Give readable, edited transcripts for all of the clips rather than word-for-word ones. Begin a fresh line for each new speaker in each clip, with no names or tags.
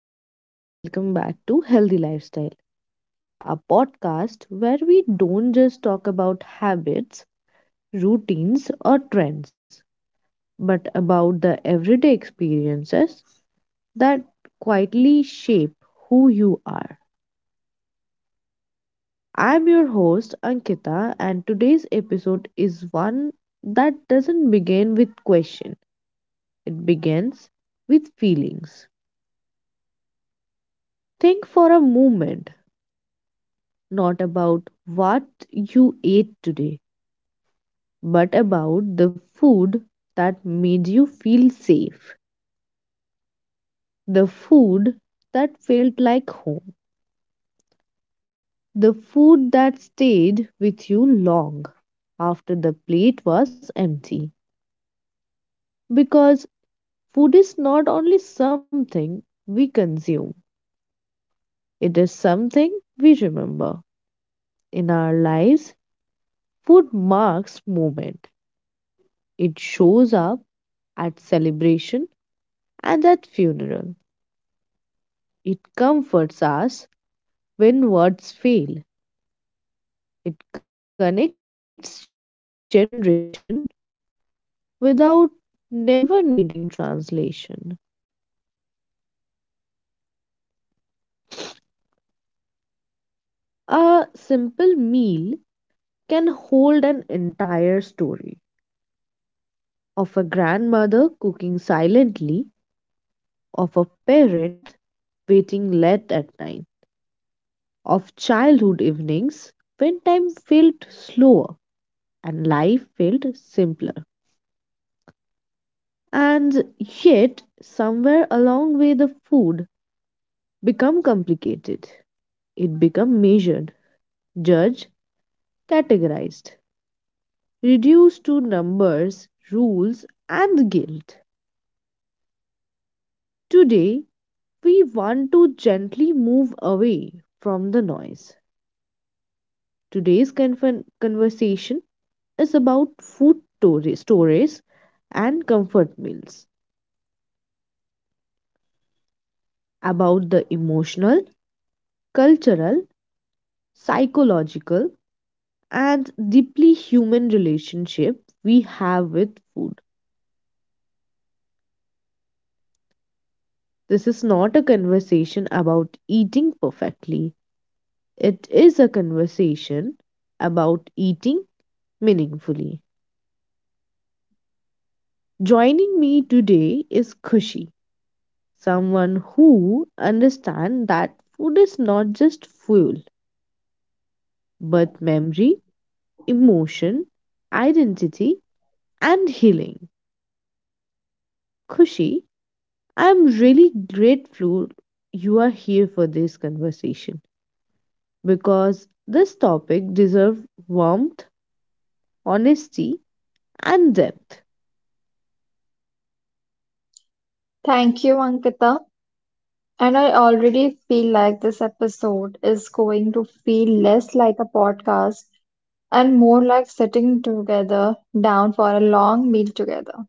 everyone, and welcome back to Healthy Lifestyle, a podcast where we don't just talk about habits, routines, or trends, but about the everyday experiences that quietly shape who you are. I'm your host, Ankita, and today's episode is one that doesn't begin with question, it begins with feelings. Think for a moment, not about what you ate today but about the food that made you feel safe, the food that felt like home, the food that stayed with you long after the plate was empty. Because food is not only something we consume, it is something we remember. In our lives, food marks moment. It shows up at celebration and at funeral. It comforts us when words fail. It connects generation without never needing translation. A simple meal can hold an entire story of a grandmother cooking silently, of a parent waiting late at night, of childhood evenings when time felt slower and life felt simpler. And yet, somewhere along the way, the food become complicated. It become measured, Judge, categorized, reduced to numbers, rules, and guilt. Today, we want to gently move away from the noise. Today's conversation is about food stories and comfort meals, about the emotional, cultural, psychological, and deeply human relationship we have with food. This is not a conversation about eating perfectly. It is a conversation about eating meaningfully. Joining me today is Kushi, someone who understands that food is not just fuel, but memory, emotion, identity, and healing. Kushi, I am really grateful you are here for this conversation because this topic deserves warmth, honesty, and depth.
Thank you, Ankita. And I already feel like this episode is going to feel less like a podcast and more like sitting together down for a long meal together.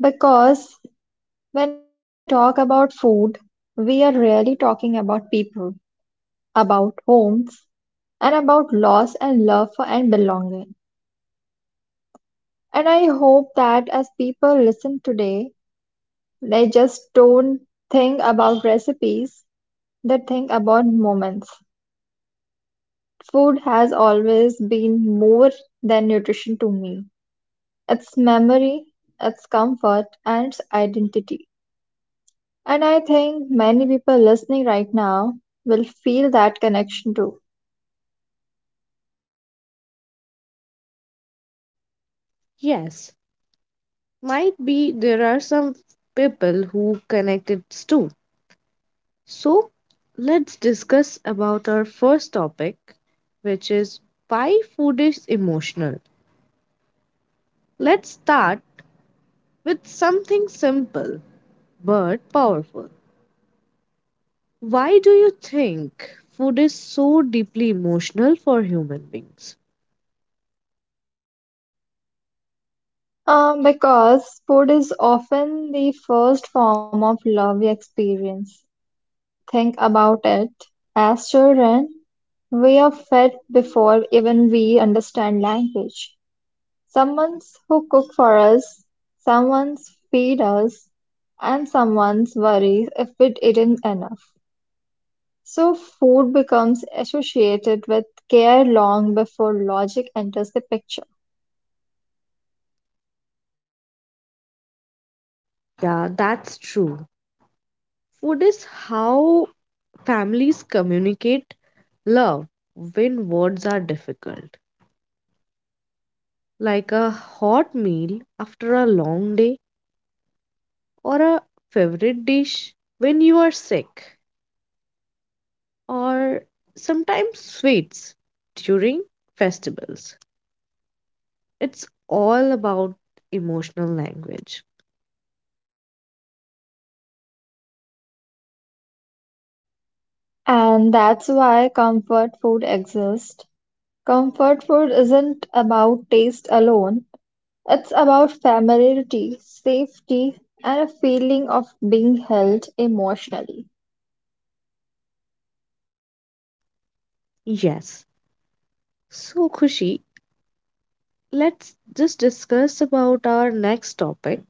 Because when we talk about food, we are really talking about people, about homes, and about loss and love for and belonging. And I hope that as people listen today, they just don't think about recipes, they think about moments. Food has always been more than nutrition to me. It's memory, it's comfort, and it's identity. And I think many people listening right now will feel that connection too.
Yes, might be there are some people who connect it too. So let's discuss about our first topic, which is why food is emotional. Let's start with something simple but powerful. Why do you think food is so deeply emotional for human beings?
Because food is often the first form of love we experience. Think about it. As children, we are fed before even we understand language. Someone's who cook for us, someone's feed us, and someone's worries if we eaten enough. So food becomes associated with care long before logic enters the picture.
Yeah, that's true. Food is how families communicate love when words are difficult. Like a hot meal after a long day or a favorite dish when you are sick, or sometimes sweets during festivals. It's all about emotional language.
And that's why comfort food exists. Comfort food isn't about taste alone. It's about familiarity, safety, and a feeling of being held emotionally.
Yes. So Khushi, let's just discuss about our next topic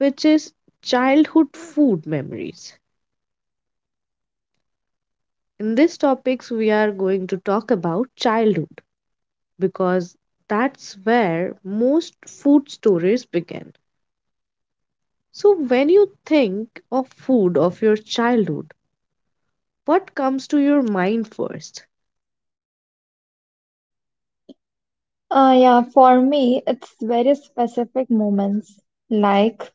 which is childhood food memories. In this topics we are going to talk about childhood because that's where most food stories begin. So, when you think of food of your childhood, what comes to your mind first?
Yeah, for me, it's very specific moments like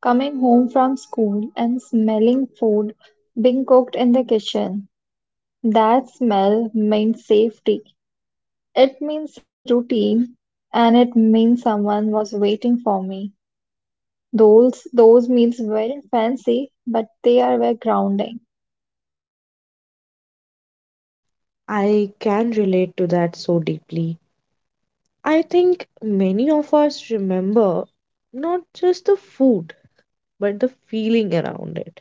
coming home from school and smelling food being cooked in the kitchen. That smell means safety, it means routine, and it means someone was waiting for me. Those meals weren't fancy, but they are very grounding.
I can relate to that so deeply. I think many of us remember not just the food, but the feeling around it.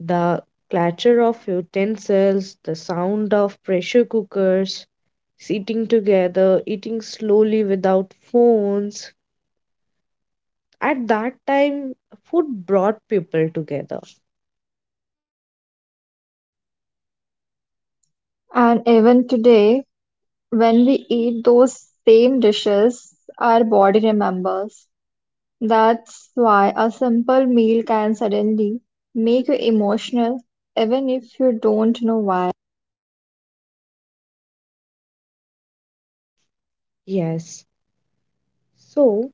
The clatter of utensils, the sound of pressure cookers, sitting together, eating slowly without phones, at that time food brought people together.
And even today, when we eat those same dishes, our body remembers. That's why a simple meal can suddenly make you emotional, even if you don't know why.
Yes. So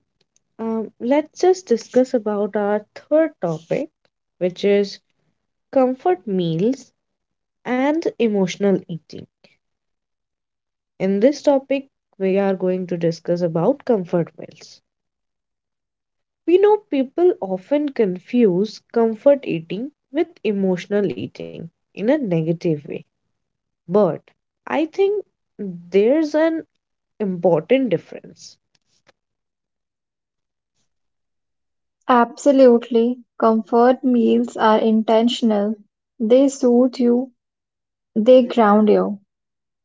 let's just discuss about our third topic which is comfort meals and emotional eating. In this topic we are going to discuss about comfort meals. We know people often confuse comfort eating with emotional eating in a negative way, but I think there's an important difference.
Absolutely. Comfort meals are intentional. They soothe you, they ground you.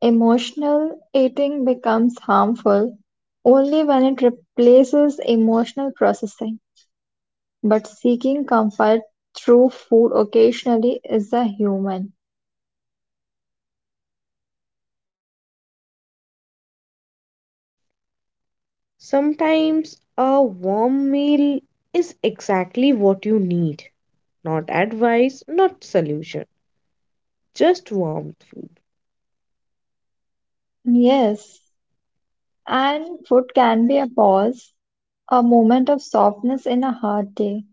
Emotional eating becomes harmful only when it replaces emotional processing. But seeking comfort through food occasionally is a human.
Sometimes a warm meal is exactly what you need. Not advice, not solution, just warm food.
Yes. And food can be a pause, a moment of softness in a hard day.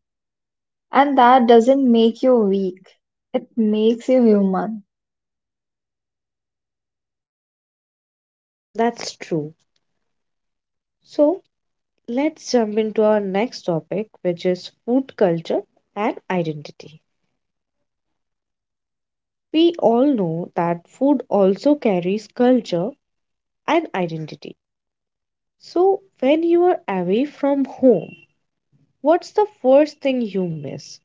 And that doesn't make you weak, it makes you human.
That's true. So let's jump into our next topic, which is food culture and identity. We all know that food also carries culture and identity. So when you are away from home, what's the first thing you miss?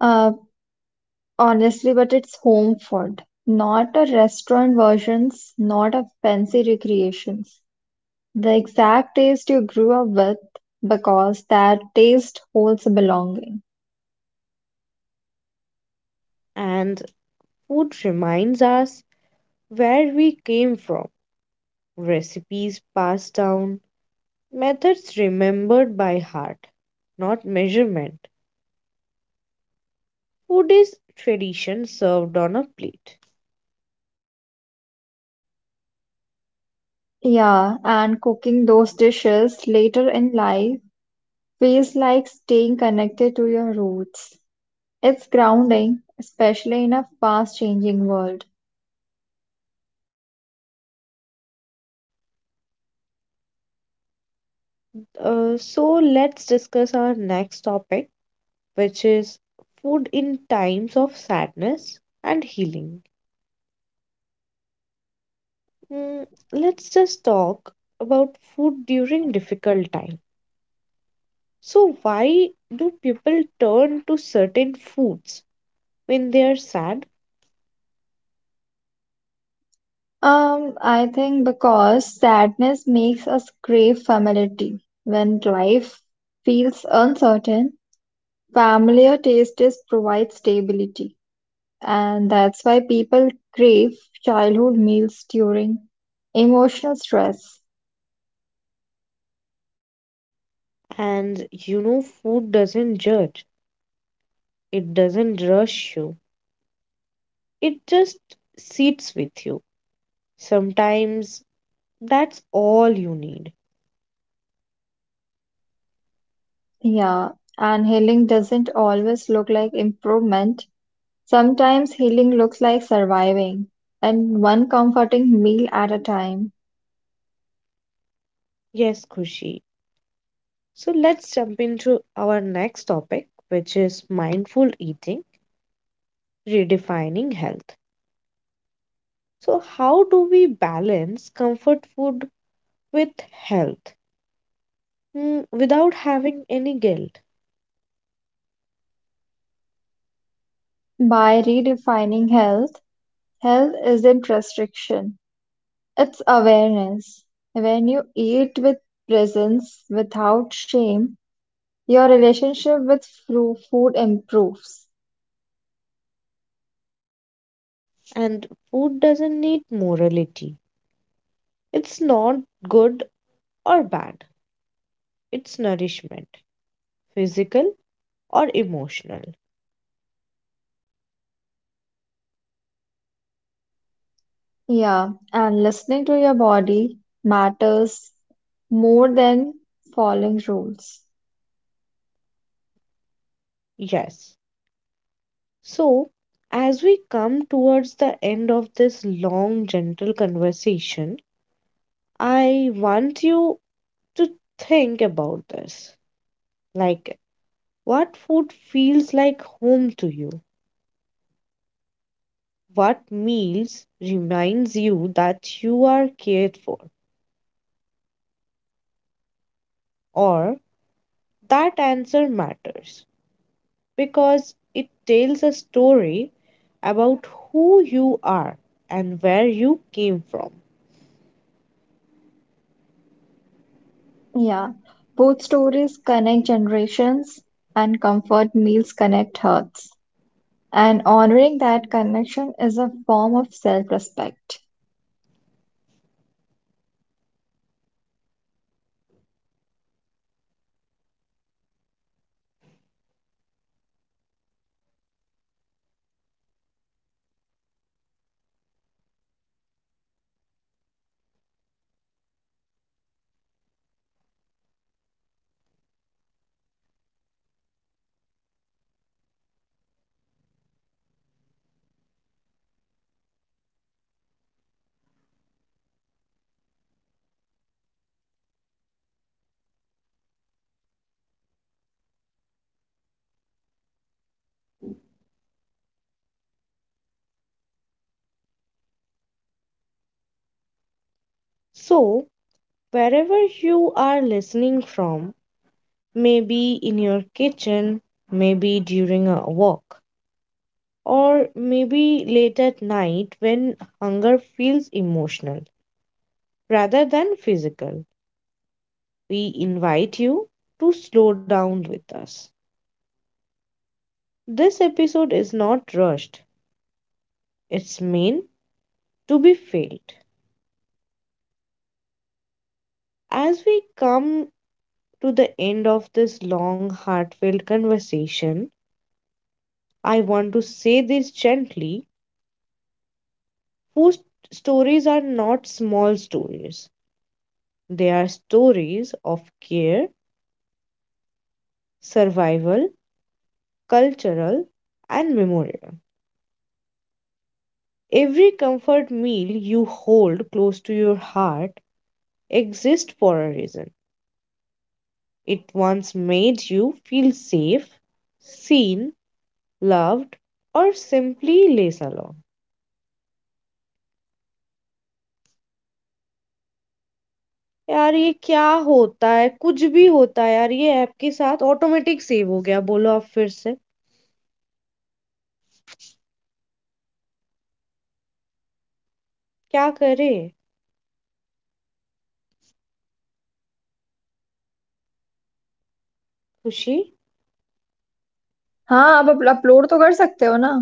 Uh, Honestly, but it's home food, not a restaurant versions, not a fancy recreations. The exact taste you grew up with, because that taste holds belonging.
And food reminds us where we came from, recipes passed down, methods remembered by heart, not measurement. Food is tradition served on a plate.
Yeah, and cooking those dishes later in life feels like staying connected to your roots. It's grounding, especially in a fast-changing world.
So let's discuss our next topic, which is food in times of sadness and healing. Mm, let's just talk about food during difficult time. So why do people turn to certain foods when they are sad?
I think because sadness makes us crave familiarity. When life feels uncertain, familiar tastes provide stability, and that's why people crave childhood meals during emotional stress.
And you know, food doesn't judge. It doesn't rush you, it just sits with you. Sometimes that's all you need.
Yeah, and healing doesn't always look like improvement. Sometimes healing looks like surviving, and one comforting meal at a time.
Yes, Kushi. So let's jump into our next topic, which is mindful eating, redefining health. So, how do we balance comfort food with health, without having any guilt?
By redefining health, health isn't restriction, it's awareness. When you eat with presence, without shame, your relationship with food improves.
And food doesn't need morality, it's not good or bad, it's nourishment, physical or emotional.
Yeah, and listening to your body matters more than following rules.
Yes. So, as we come towards the end of this long, gentle conversation, I want you to think about this. Like, what food feels like home to you? What meals reminds you that you are cared for? Or that answer matters because it tells a story about who you are and where you came from.
Yeah, food stories connect generations and comfort meals connect hearts. And honoring that connection is a form of self-respect.
So, wherever you are listening from, maybe in your kitchen, maybe during a walk, or maybe late at night when hunger feels emotional rather than physical, we invite you to slow down with us. This episode is not rushed, it's meant to be felt. As we come to the end of this long, heartfelt conversation, I want to say this gently. Food stories are not small stories, they are stories of care, survival, cultural, and memorial. Every comfort meal you hold close to your heart exists for a reason. It once made you feel safe, seen, loved, or simply less alone.
हाँ, आप up upload तो कर सकते हो ना।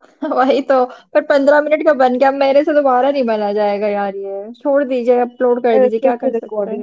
वही तो, पर 15 मिनट का बन गया। अब मेरे से दोबारा नहीं बना जाएगा यार ये। छोड़ दीजिए, अपलोड कर दीजिए, क्या कर सकते हैं।